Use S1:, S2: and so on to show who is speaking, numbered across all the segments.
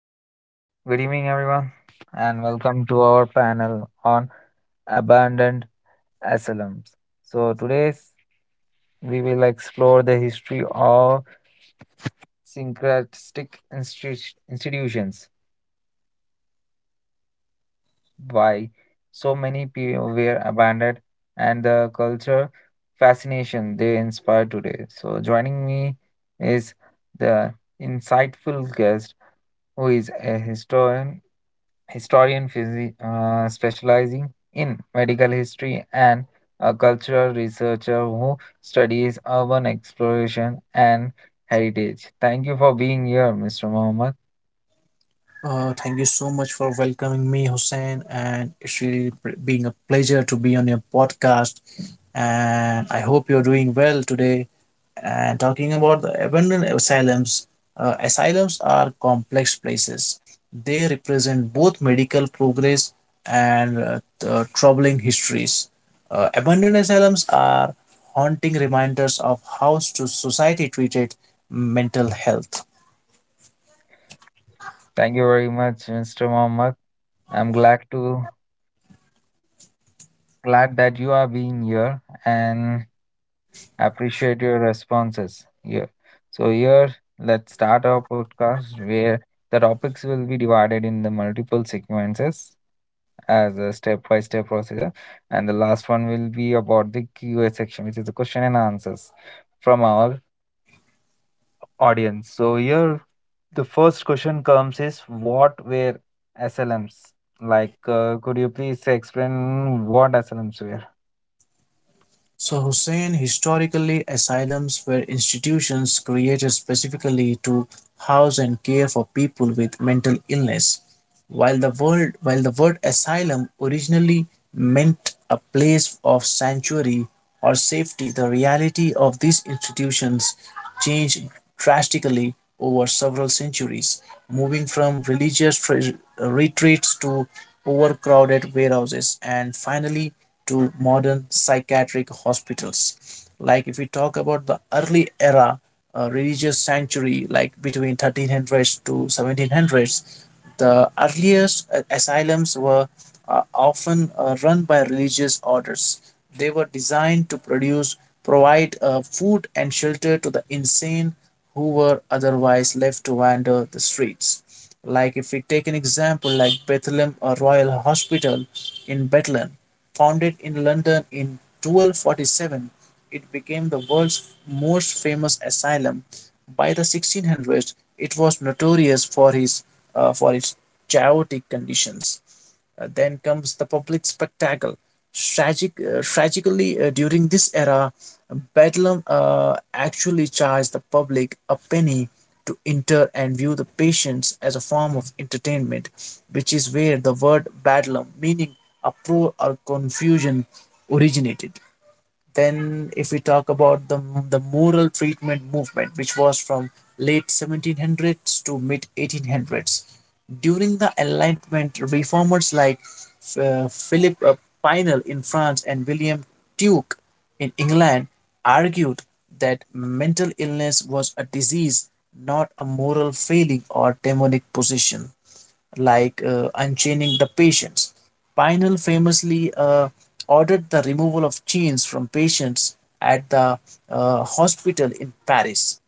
S1: Hello, good evening, everyone, and welcome to our panel on abandoned asylums. So, today we will explore the history of institutions, why so many people were abandoned, and the culture fascination they inspire today. So, joining me is the insightful guest who is a historian specializing in medical history and a cultural researcher who studies urban exploration and heritage. Thank you for being here, Mr. Mohammed.
S2: Thank you so much for welcoming me, Hussein, and it's really being a pleasure to be on your podcast. And I hope you're doing well today. And talking about the abandoned asylums, asylums are complex places. They represent both medical progress and the troubling histories. Abandoned asylums are haunting reminders of how society treated mental health.
S1: Thank you very much, Mr. Mohammed. I'm glad that you are being here and appreciate your responses here. So here, let's start our podcast where the topics will be divided in the multiple sequences as a step-by-step procedure. And the last one will be about the QA section, which is the question and answers from our audience. So here, the first question comes is what were SLMs? Like, could you please explain what SLMs were?
S2: So, Hussein, historically, asylums were institutions created specifically to house and care for people with mental illness. While the word asylum originally meant a place of sanctuary or safety, the reality of these institutions changed drastically over several centuries, moving from religious retreats to overcrowded warehouses and finally to modern psychiatric hospitals. Like if we talk about the early era religious sanctuary, like between 1300s to 1700s, the earliest asylums were often run by religious orders. They were designed to provide food and shelter to the insane who were otherwise left to wander the streets. Like if we take an example like Bethlehem Royal Hospital in Bethlehem, founded in London in 1247, it became the world's most famous asylum. By the 1600s, it was notorious for its chaotic conditions. Then comes the public spectacle. Tragically, during this era, Bedlam actually charged the public a penny to enter and view the patients as a form of entertainment, which is where the word bedlam, meaning uproar or confusion, originated. Then, if we talk about the moral treatment movement, which was from late 1700s to mid 1800s, during the Enlightenment, reformers like Philip Pinel in France and William Tuke in England argued that mental illness was a disease, not a moral failing or demonic possession, like unchaining the patients. Pinel famously ordered the removal of chains from patients at the hospital in Paris.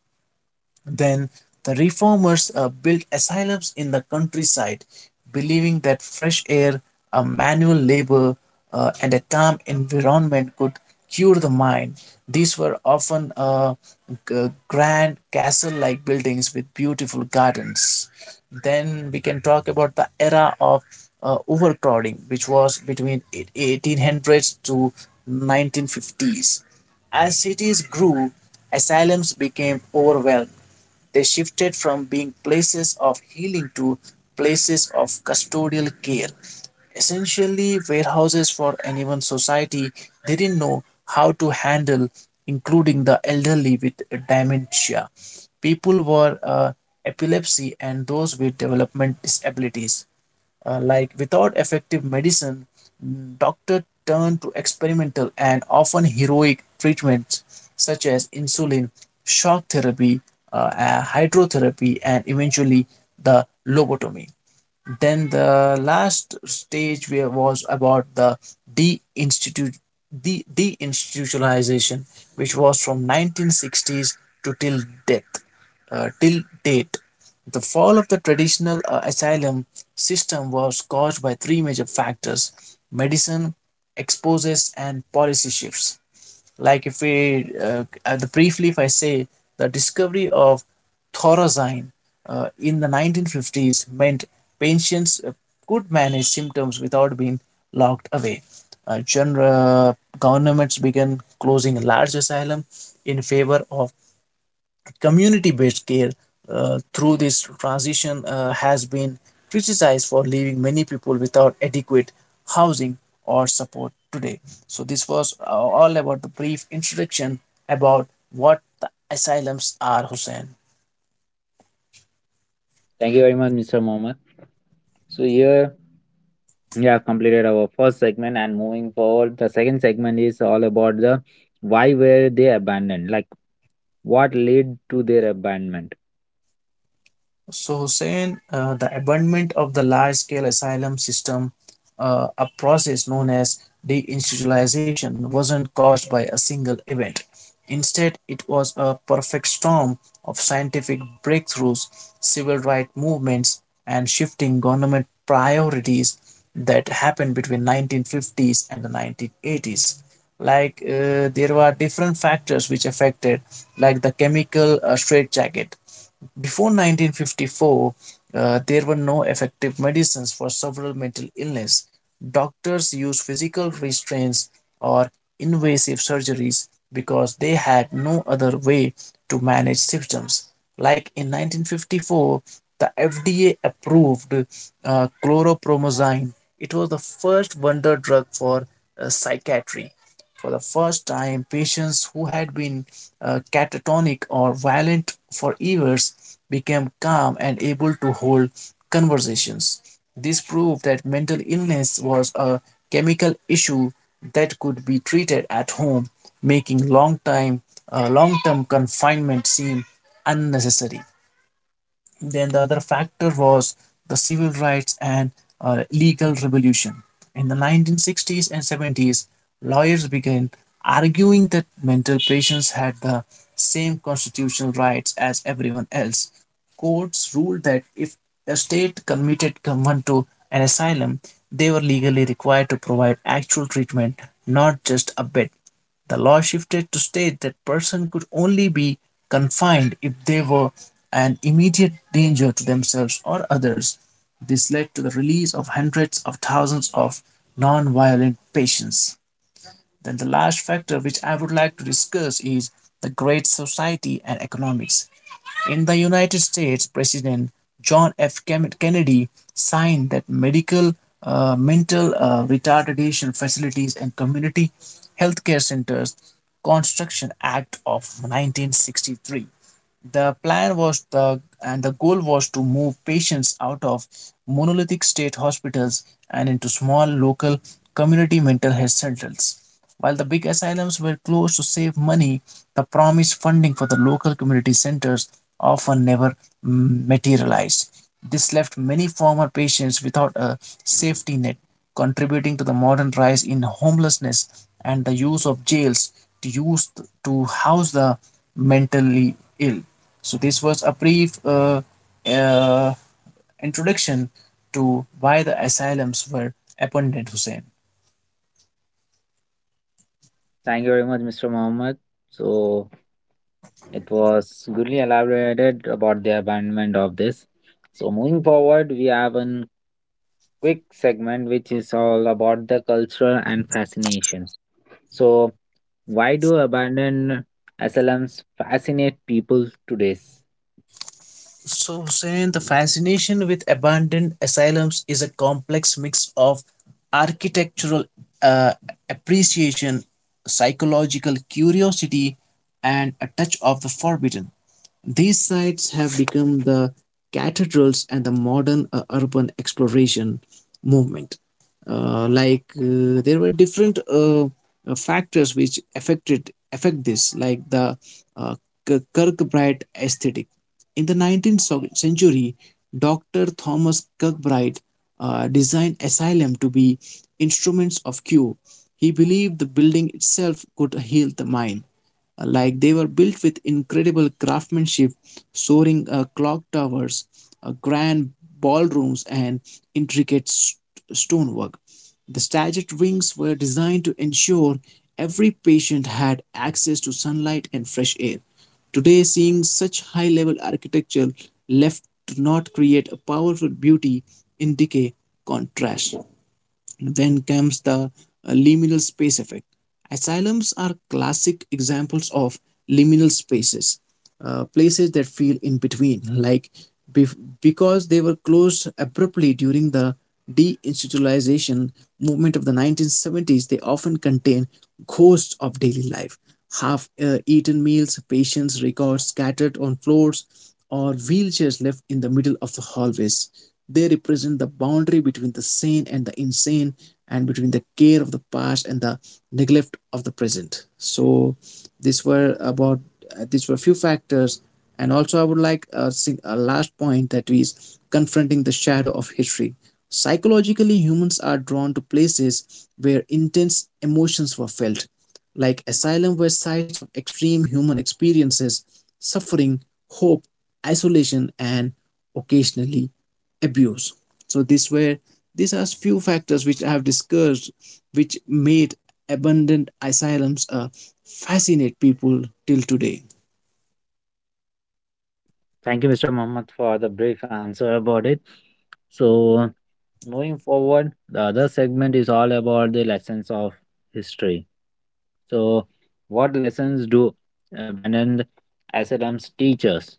S2: Then the reformers built asylums in the countryside, believing that fresh air, a manual labor, and a calm environment could cure the mind. These were often grand castle like buildings with beautiful gardens. Then we can talk about the era of overcrowding, which was between 1800s to 1950s. As cities grew, asylums became overwhelmed. They shifted from being places of healing to places of custodial care, essentially warehouses for anyone society didn't know how to handle, including the elderly with dementia, people with epilepsy, and those with development disabilities. Like without effective medicine, doctors turn to experimental and often heroic treatments such as insulin, shock therapy, hydrotherapy, and eventually the lobotomy. Then the last stage where was about the deinstitute the deinstitutionalization, which was from 1960s to death, till date. The fall of the traditional asylum system was caused by three major factors: medicine, exposes, and policy shifts. Like if we the briefly, if I say, the discovery of thorazine in the 1950s meant patients could manage symptoms without being locked away. General governments began closing large asylum in favor of community based care, through this transition has been criticized for leaving many people without adequate housing or support today. So, this was all about the brief introduction about what the asylums are, Hussein.
S1: Thank you very much, Mr. Mohammed. So here we have completed our first segment and moving forward, the second segment is all about the why were they abandoned? Like what led to their abandonment?
S2: So, Hussein, the abandonment of the large scale asylum system, a process known as deinstitutionalization, wasn't caused by a single event. Instead, it was a perfect storm of scientific breakthroughs, civil rights movements, and shifting government priorities that happened between 1950s and the 1980s. Like there were different factors which affected, like the chemical straitjacket before 1954, there were no effective medicines for several mental illness. Doctors used physical restraints or invasive surgeries because they had no other way to manage symptoms. Like in 1954, the FDA approved chlorpromazine. It was the first wonder drug for psychiatry. For the first time, patients who had been catatonic or violent for years became calm and able to hold conversations. This proved that mental illness was a chemical issue that could be treated at home, making long-term confinement seem unnecessary. Then the other factor was the civil rights and legal revolution. In the 1960s and 70s, lawyers began arguing that mental patients had the same constitutional rights as everyone else. Courts ruled that if a state committed someone to an asylum, they were legally required to provide actual treatment, not just a bed. The law shifted to state that person could only be confined if they were an immediate danger to themselves or others. This led to the release of hundreds of thousands of non-violent patients. Then the last factor which I would like to discuss is the Great Society and economics. In the United States, President John F. Kennedy signed that mental retardation facilities and community healthcare centers construction act of 1963. The plan was the and the goal was to move patients out of monolithic state hospitals and into small local community mental health centers. While the big asylums were closed to save money, the promised funding for the local community centers often never materialized. This left many former patients without a safety net, contributing to the modern rise in homelessness and the use of jails to use to house the mentally ill. So this was a brief uh, introduction to why the asylums were abundant, Hussein.
S1: Thank you very much, Mr. Mohammed. So it was goodly elaborated about the abandonment of this. So moving forward, we have a quick segment which is all about the culture and fascinations. So why do abandoned SLMs fascinate people today?
S2: So, Hussein, the fascination with abandoned asylums is a complex mix of architectural uh, appreciation, psychological curiosity, and a touch of the forbidden. These sites have become the cathedrals and the modern urban exploration movement. Like there were different factors which affect this, like the uh, Kirkbride aesthetic. In the 19th century, Dr. Thomas Kirkbride designed asylum to be instruments of cure. He believed the building itself could heal the mind. Like, they were built with incredible craftsmanship, soaring clock towers, grand ballrooms, and intricate stonework. The staged wings were designed to ensure every patient had access to sunlight and fresh air. Today, seeing such high level architecture left to not create a powerful beauty in decay contrast. Then comes the liminal space effect. Asylums are classic examples of liminal spaces, places that feel in between, like bef- because they were closed abruptly during the deinstitutionalization movement of the 1970s, they often contain ghosts of daily life, half eaten meals, patients' records scattered on floors, or wheelchairs left in the middle of the hallways. They represent the boundary between the sane and the insane, and between the care of the past and the neglect of the present. So, these were about these were few factors, and also I would like a last point, that is confronting the shadow of history. Psychologically, humans are drawn to places where intense emotions were felt, like Asylum were sites of extreme human experiences, suffering, hope, isolation, and occasionally abuse. So these are few factors which I have discussed, which made abandoned asylums fascinate people till today.
S1: Thank you, Mr. Mohammed, for the brief answer about it. So moving forward, the other segment is all about the lessons of history. So, what lessons do abandoned asylums teach us?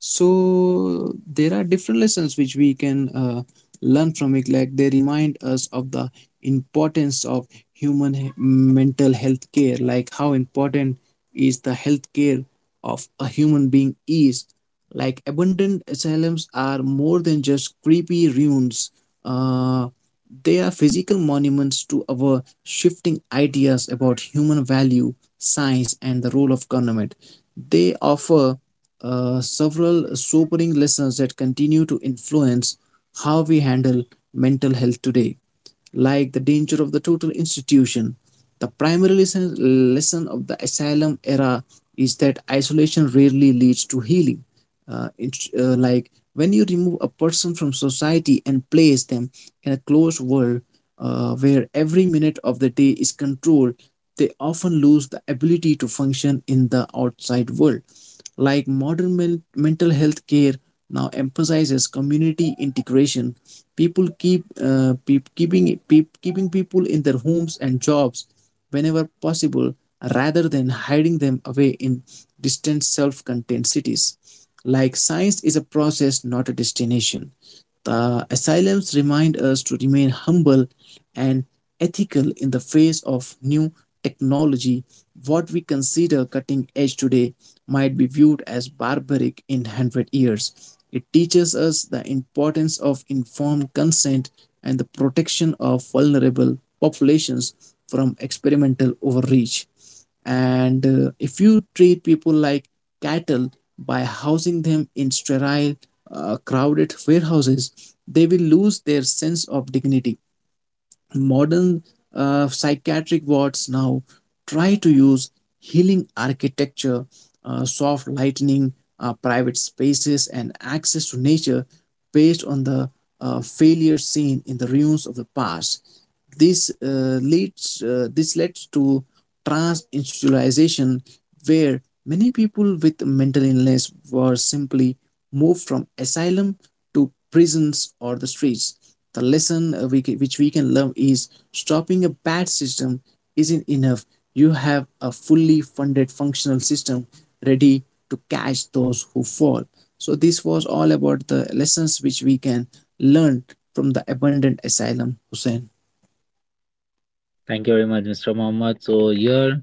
S2: So there are different lessons which we can learn from it, like they remind us of the importance of mental health care, like how important is the health care of a human being is. Like abundant asylums are more than just creepy ruins. Uh, they are physical monuments to our shifting ideas about human value, science, and the role of government. They offer several sobering lessons that continue to influence how we handle mental health today, like the danger of the total institution. The primary lesson of the asylum era is that isolation rarely leads to healing. Like when you remove a person from society and place them in a closed world where every minute of the day is controlled, they often lose the ability to function in the outside world. Like modern mental health care now emphasizes community integration, people keep, peop keeping people in their homes and jobs whenever possible, rather than hiding them away in distant self contained cities. Like science is a process, not a destination. The asylums remind us to remain humble and ethical in the face of new technology. What we consider cutting edge today might be viewed as barbaric in 100 years. It teaches us the importance of informed consent and the protection of vulnerable populations from experimental overreach. And if you treat people like cattle by housing them in sterile, crowded warehouses, they will lose their sense of dignity. Modern psychiatric wards now try to use healing architecture, soft lighting, private spaces, and access to nature, based on the failure seen in the ruins of the past. This leads this leads to trans institutionalization where many people with mental illness were simply moved from asylum to prisons or the streets. The lesson which we can learn is stopping a bad system isn't enough. You have a fully funded functional system ready to catch those who fall. So, this was all about the lessons which we can learn from the abandoned asylum, Hussein.
S1: Thank you very much, Mr. Mohammed. So, here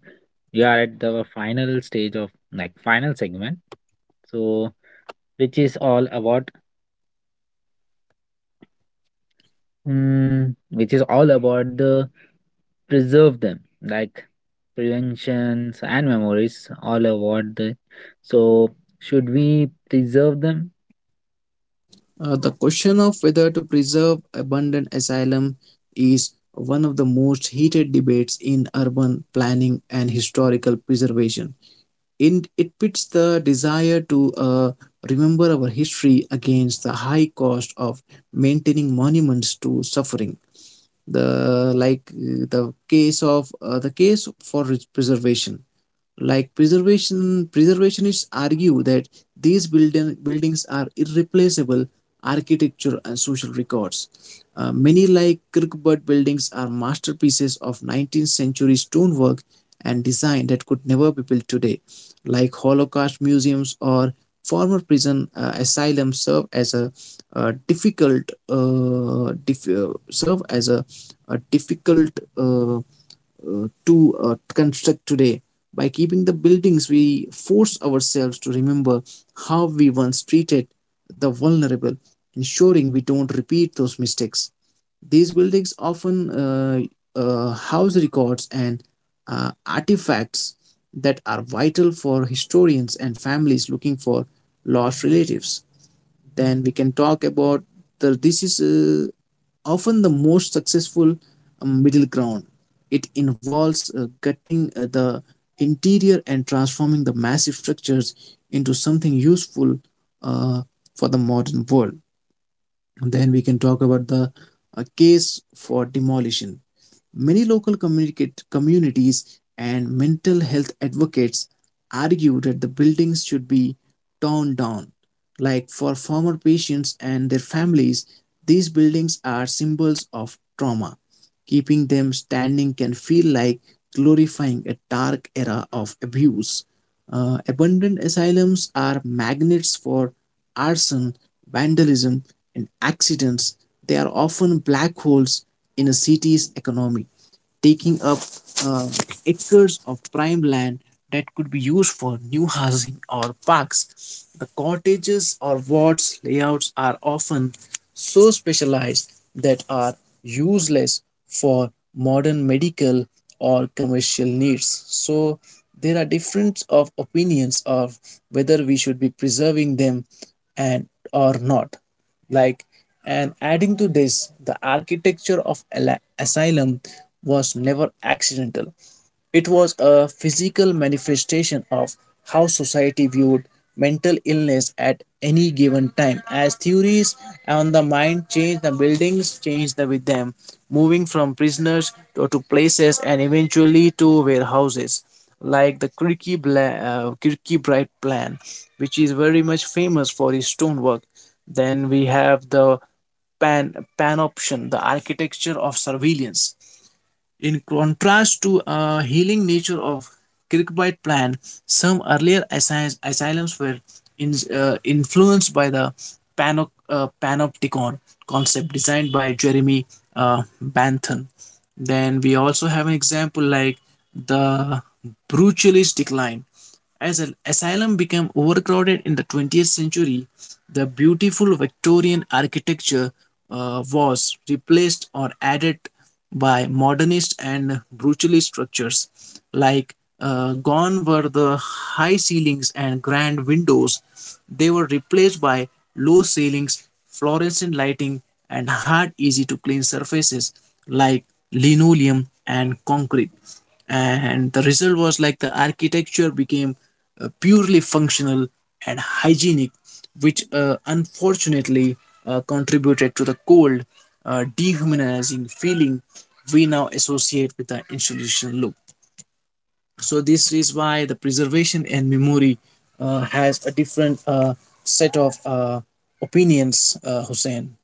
S1: we are at the final stage of like final segment. So, which is all about, which is all about the preserve them like preventions and memories all about the so should we preserve them.
S2: The question of whether to preserve abundant asylum is one of the most heated debates in urban planning and historical preservation. In, it pits the desire to remember our history against the high cost of maintaining monuments to suffering. The like the case of the case for preservation, preservationists argue that these buildings are irreplaceable architecture and social records. Many like Kirkwood buildings are masterpieces of 19th century stonework and design that could never be built today. Like Holocaust museums or former prison asylums serve as a serve as a difficult uh, to construct today. By keeping the buildings, we force ourselves to remember how we once treated the vulnerable, ensuring we don't repeat those mistakes. These buildings often house records and artifacts that are vital for historians and families looking for lost relatives. Then we can talk about the this is often the most successful middle ground. It involves cutting the interior and transforming the massive structures into something useful uh, for the modern world. Then we can talk about the case for demolition. Many local communicate communities and mental health advocates argue that the buildings should be torn down. Like for former patients and their families, these buildings are symbols of trauma. Keeping them standing can feel like glorifying a dark era of abuse. Abandoned asylums are magnets for arson, vandalism, and accidents. They are often black holes in a city's economy, taking up uh, acres of prime land that could be used for new housing or parks. The cottages or wards layouts are often so specialized that are useless for modern medical or commercial needs. So there are difference of opinions of whether we should be preserving them and or not, like, and adding to this, the architecture of asylum was never accidental. It was a physical manifestation of how society viewed mental illness at any given time. As theories on the mind changed, the buildings changed with them, moving from prisoners to places and eventually to warehouses, like the Kirky Bright plan, which is very much famous for its stonework. Then we have the panoption, the architecture of surveillance. In contrast to a healing nature of Kirkbride plan, some earlier asylums were in, influenced by the panopticon concept designed by Jeremy Bentham. Then we also have an example like the brutalist decline. As an asylum became overcrowded in the 20th century, the beautiful Victorian architecture was replaced or added by modernist and brutalist structures. Gone were the high ceilings and grand windows, they were replaced by low ceilings, fluorescent lighting, and hard, easy to clean surfaces like linoleum and concrete. And the result was like the architecture became purely functional and hygienic, which unfortunately contributed to the cold, dehumanizing feeling we now associate with the institutional look. So this is why the preservation and memory has a different set of opinions, Hussein.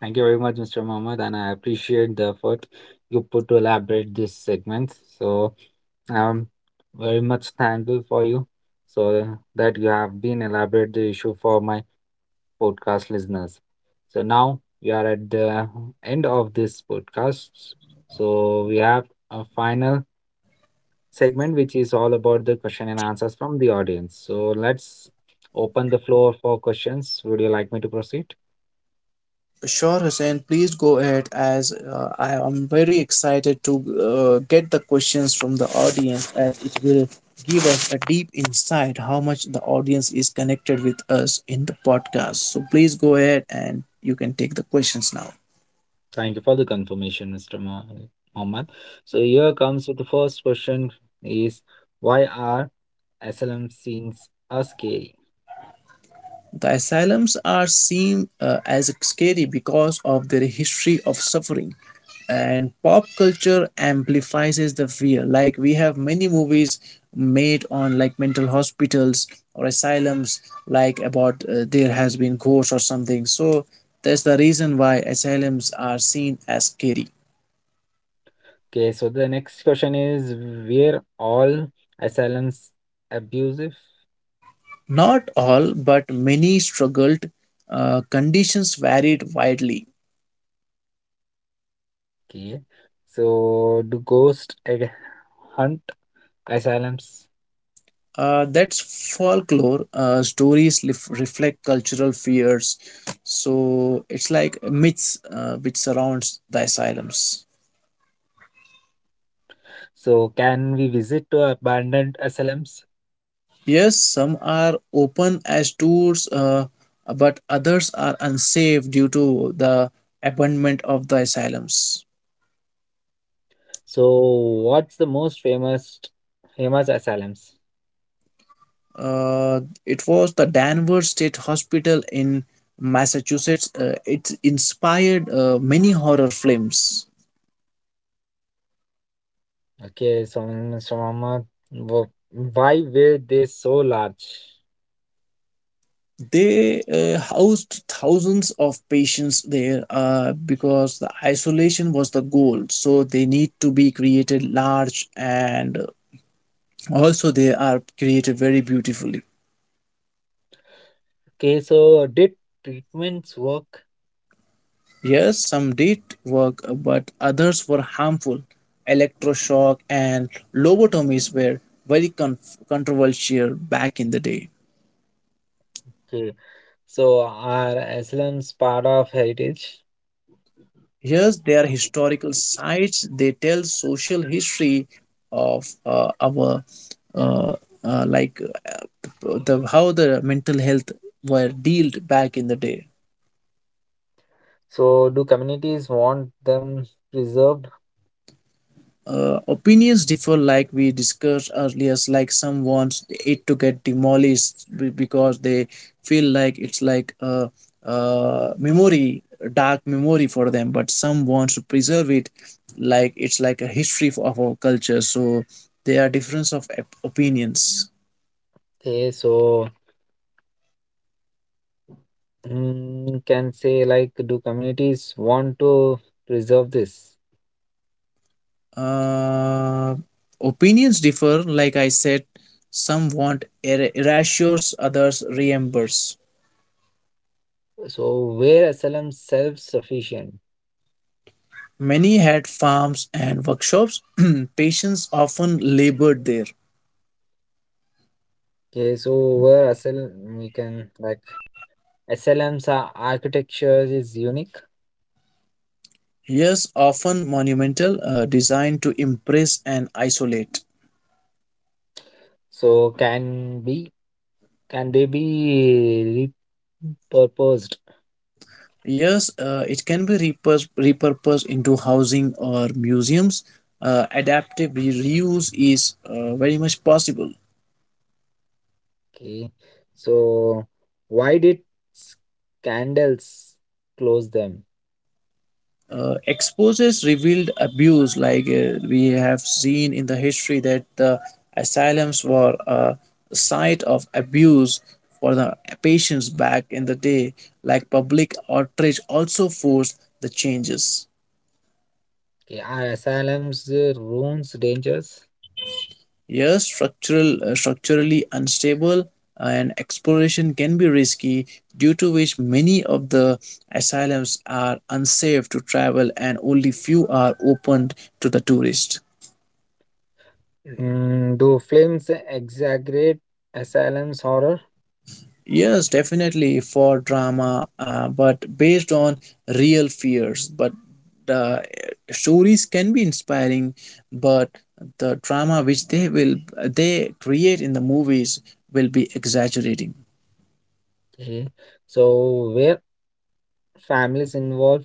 S1: Thank you very much, Mr. Mohammed, and I appreciate the effort you put to elaborate this segment. So I'm very much thankful for you, so that you have been elaborate the issue for my podcast listeners. So now we are at the end of this podcast. So we have a final segment which is all about the question and answers from the audience. So let's open the floor for questions. Would you like me to proceed?
S2: Sure, Hussein, please go ahead as I am very excited to get the questions from the audience as it will give us a deep insight how much the audience is connected with us in the podcast. So please go ahead and you can take the questions now.
S1: Thank you for the confirmation, Mohammed. So here comes with the first question is why are SLM scenes are scary?
S2: The asylums are seen as scary because of their history of suffering, and pop culture amplifies the fear. Like we have many movies made on like mental hospitals or asylums, like about there has been ghosts or something. So that's the reason why asylums are seen as scary.
S1: Okay, so the next question is were all asylums abusive?
S2: Not all, but many struggled. Conditions varied widely.
S1: Okay, so do hunt asylums?
S2: That's folklore. Stories reflect cultural fears, so it's like myths which surrounds the asylums.
S1: So can we visit to abandoned asylums?
S2: Yes, some are open as tours, but others are unsafe due to the abandonment of the asylums.
S1: So what's the most famous famous asylums?
S2: Uh, it was the Danvers State Hospital in Massachusetts. It inspired many horror films.
S1: Okay, so wh- why were they so large?
S2: They housed thousands of patients there because the isolation was the goal, so they need to be created large, and also they are created very beautifully.
S1: Okay, so did treatments work?
S2: Yes, some did work, but others were harmful. Electroshock and lobotomies were very con- controversial back in the day.
S1: Okay, so are Islam's part of heritage?
S2: Here's their historical sites. They tell social history of our uh, like the how the mental health were dealt back in the day.
S1: So do communities want them preserved?
S2: Opinions differ, like we discussed earlier. Like some want it to get demolished because they feel like it's like a memory, a dark memory for them, but some want to preserve it, like it's like a history of our culture, so there are difference of opinions.
S1: Okay, so can say like do communities want to preserve this?
S2: uh, Opinions differ, like I said, some want erasures, others remembers.
S1: So where SLM self-sufficient?
S2: Many had farms and workshops. Patients often labored there.
S1: Okay, so where SLM we can like SLM's architecture is unique.
S2: Years often monumental, designed to impress and isolate.
S1: So can they be repurposed?
S2: Yes, it can be repurposed into housing or museums. Adaptive reuse is very much possible.
S1: Okay, so why did scandals close them?
S2: Exposes revealed abuse, like we have seen in the history that the asylums were a site of abuse for the patients back in the day. Like public outrage also forced the changes.
S1: Okay, are SLM's ruins dangerous?
S2: Yes, structurally unstable, and exploration can be risky, due to which many of the asylums are unsafe to travel and only few are opened to the tourist.
S1: Do films exaggerate asylum's horror?
S2: Yes, definitely for drama, but based on real fears. But the stories can be inspiring, but the drama which they create in the movies will be exaggerating.
S1: Okay, so where families involved?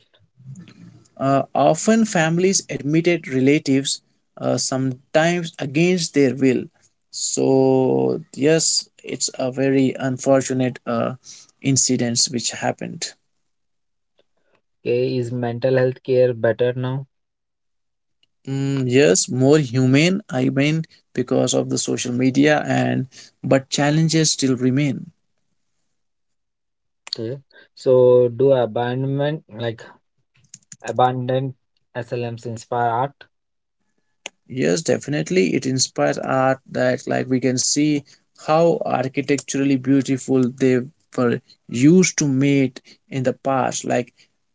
S2: Often, families admitted relatives, sometimes against their will. So yes, it's a very unfortunate incidents which happened.
S1: Okay, is mental health care better now?
S2: Mm, yes, more humane, I mean, because of the social media and but challenges still remain.
S1: Okay, so do abandonment like abandoned SLMs inspire art?
S2: Yes, definitely. It inspires art that, like, we can see how architecturally beautiful they were used to meet in the past. Like,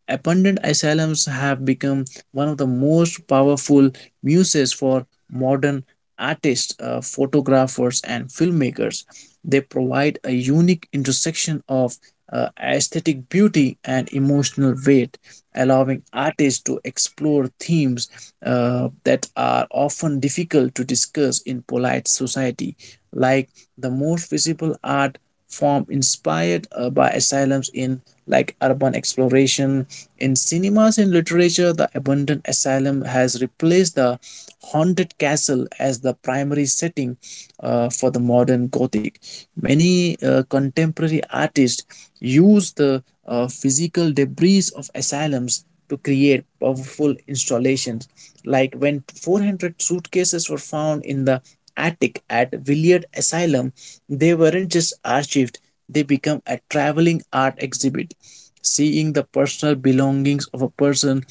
S2: abandoned asylums have become one of the most powerful muses for modern artists, photographers, and filmmakers. They provide a unique intersection of aesthetic beauty and emotional weight, allowing artists to explore themes that are often difficult to discuss in polite society. Like, the most visible art form inspired by asylums in like urban exploration. In cinemas and literature, the abandoned asylum has replaced the haunted castle as the primary setting for the modern gothic. Many contemporary artists use the physical debris of asylums to create powerful installations, like when 400 suitcases were found in the attic at Willard Asylum, they weren't just archived, they became a traveling art exhibit. Seeing the personal belongings of a person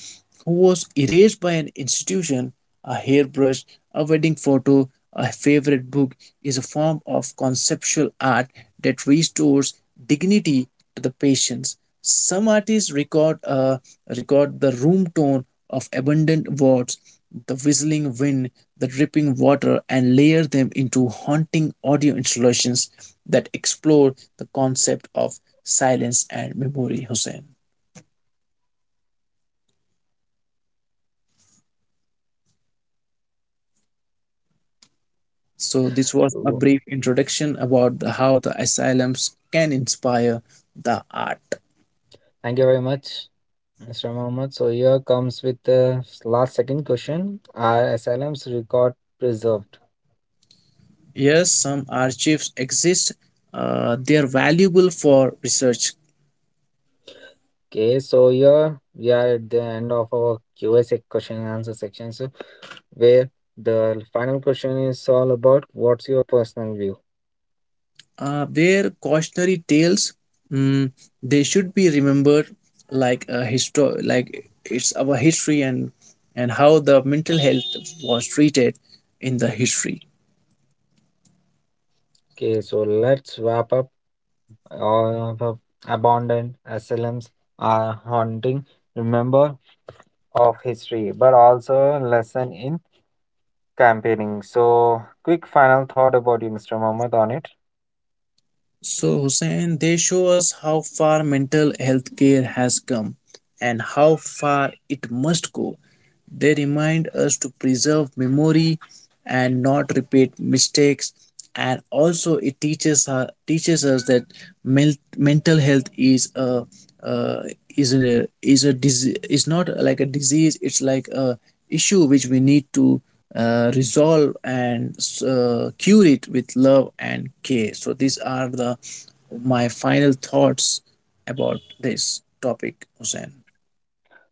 S2: who was erased by an institution, a hairbrush, a wedding photo, a favorite book, is a form of conceptual art that restores dignity to the patients. Some artists record the room tone of abundant words, the whistling wind, the dripping water, and layer them into haunting audio installations that explore the concept of silence, and memory, Hussein. So, this was a
S1: Oh,
S2: brief introduction about the, how the asylums can inspire the art.
S1: Thank you very much, Mr. Mohammed. So here comes with the last second question: Are SLMs record preserved?
S2: Yes, some archives exist. They are valuable for research.
S1: Okay, so here we are at the end of our question and answer section. So where the final question is all about what's your personal view?
S2: Their cautionary tales, mm, they should be remembered, like a like it's our history, and how the mental health was treated in the history.
S1: Okay, so let's wrap up the abandoned asylums are haunting remember of history but also lesson in campaigning, so quick final thought about you Mr. Mohammed on it.
S2: So, Hussein, they show us how far mental health care has come and how far it must go. They remind us to preserve memory, and not repeat mistakes, and also it teaches her teaches us that mental health is a uh, is a disease, is not like a disease, it's like a issue which we need to resolve and cure it with love and care. So these are the my final thoughts about this topic, Hussein.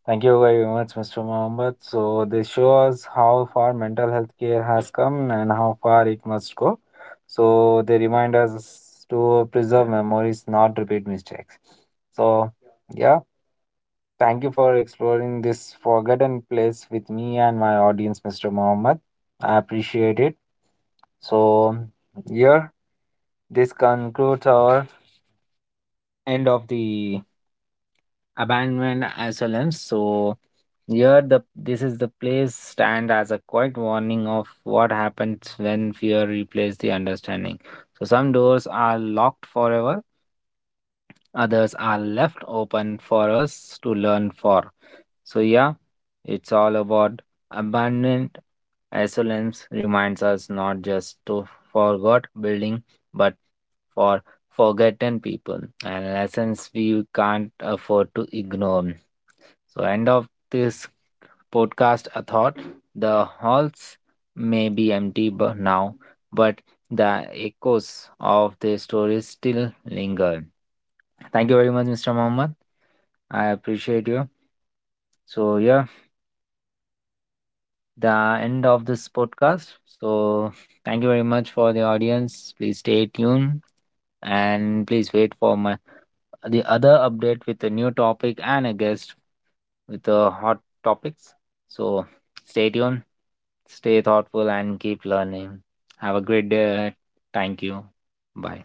S1: Thank you very much, Mr. Mohammed. So this shows how far mental health care has come and how far it must go. So they remind us to preserve memories, not repeat mistakes. So, yeah. Thank you for exploring this forgotten place with me and my audience, Mr. Mohammed. I appreciate it. So, here, this concludes our end of the abandonment asylums. So, here, the this is the place stand as a quiet warning of what happens when fear replaces the understanding. So, some doors are locked forever, others are left open for us to learn for. So, yeah, it's all about abundant excellence reminds us not just to forgot building, but for forgotten people and lessons we can't afford to ignore. So, end of this podcast, a thought. The halls may be now, but the echoes of the stories still linger. Thank you very much, Mr. Mohammed. I appreciate you. So, yeah. The end of this podcast. So, thank you very much for the audience. Please stay tuned and please wait for my the other update with a new topic and a guest with the hot topics. So, stay tuned, stay thoughtful, and keep learning. Have a great day. Thank you. Bye.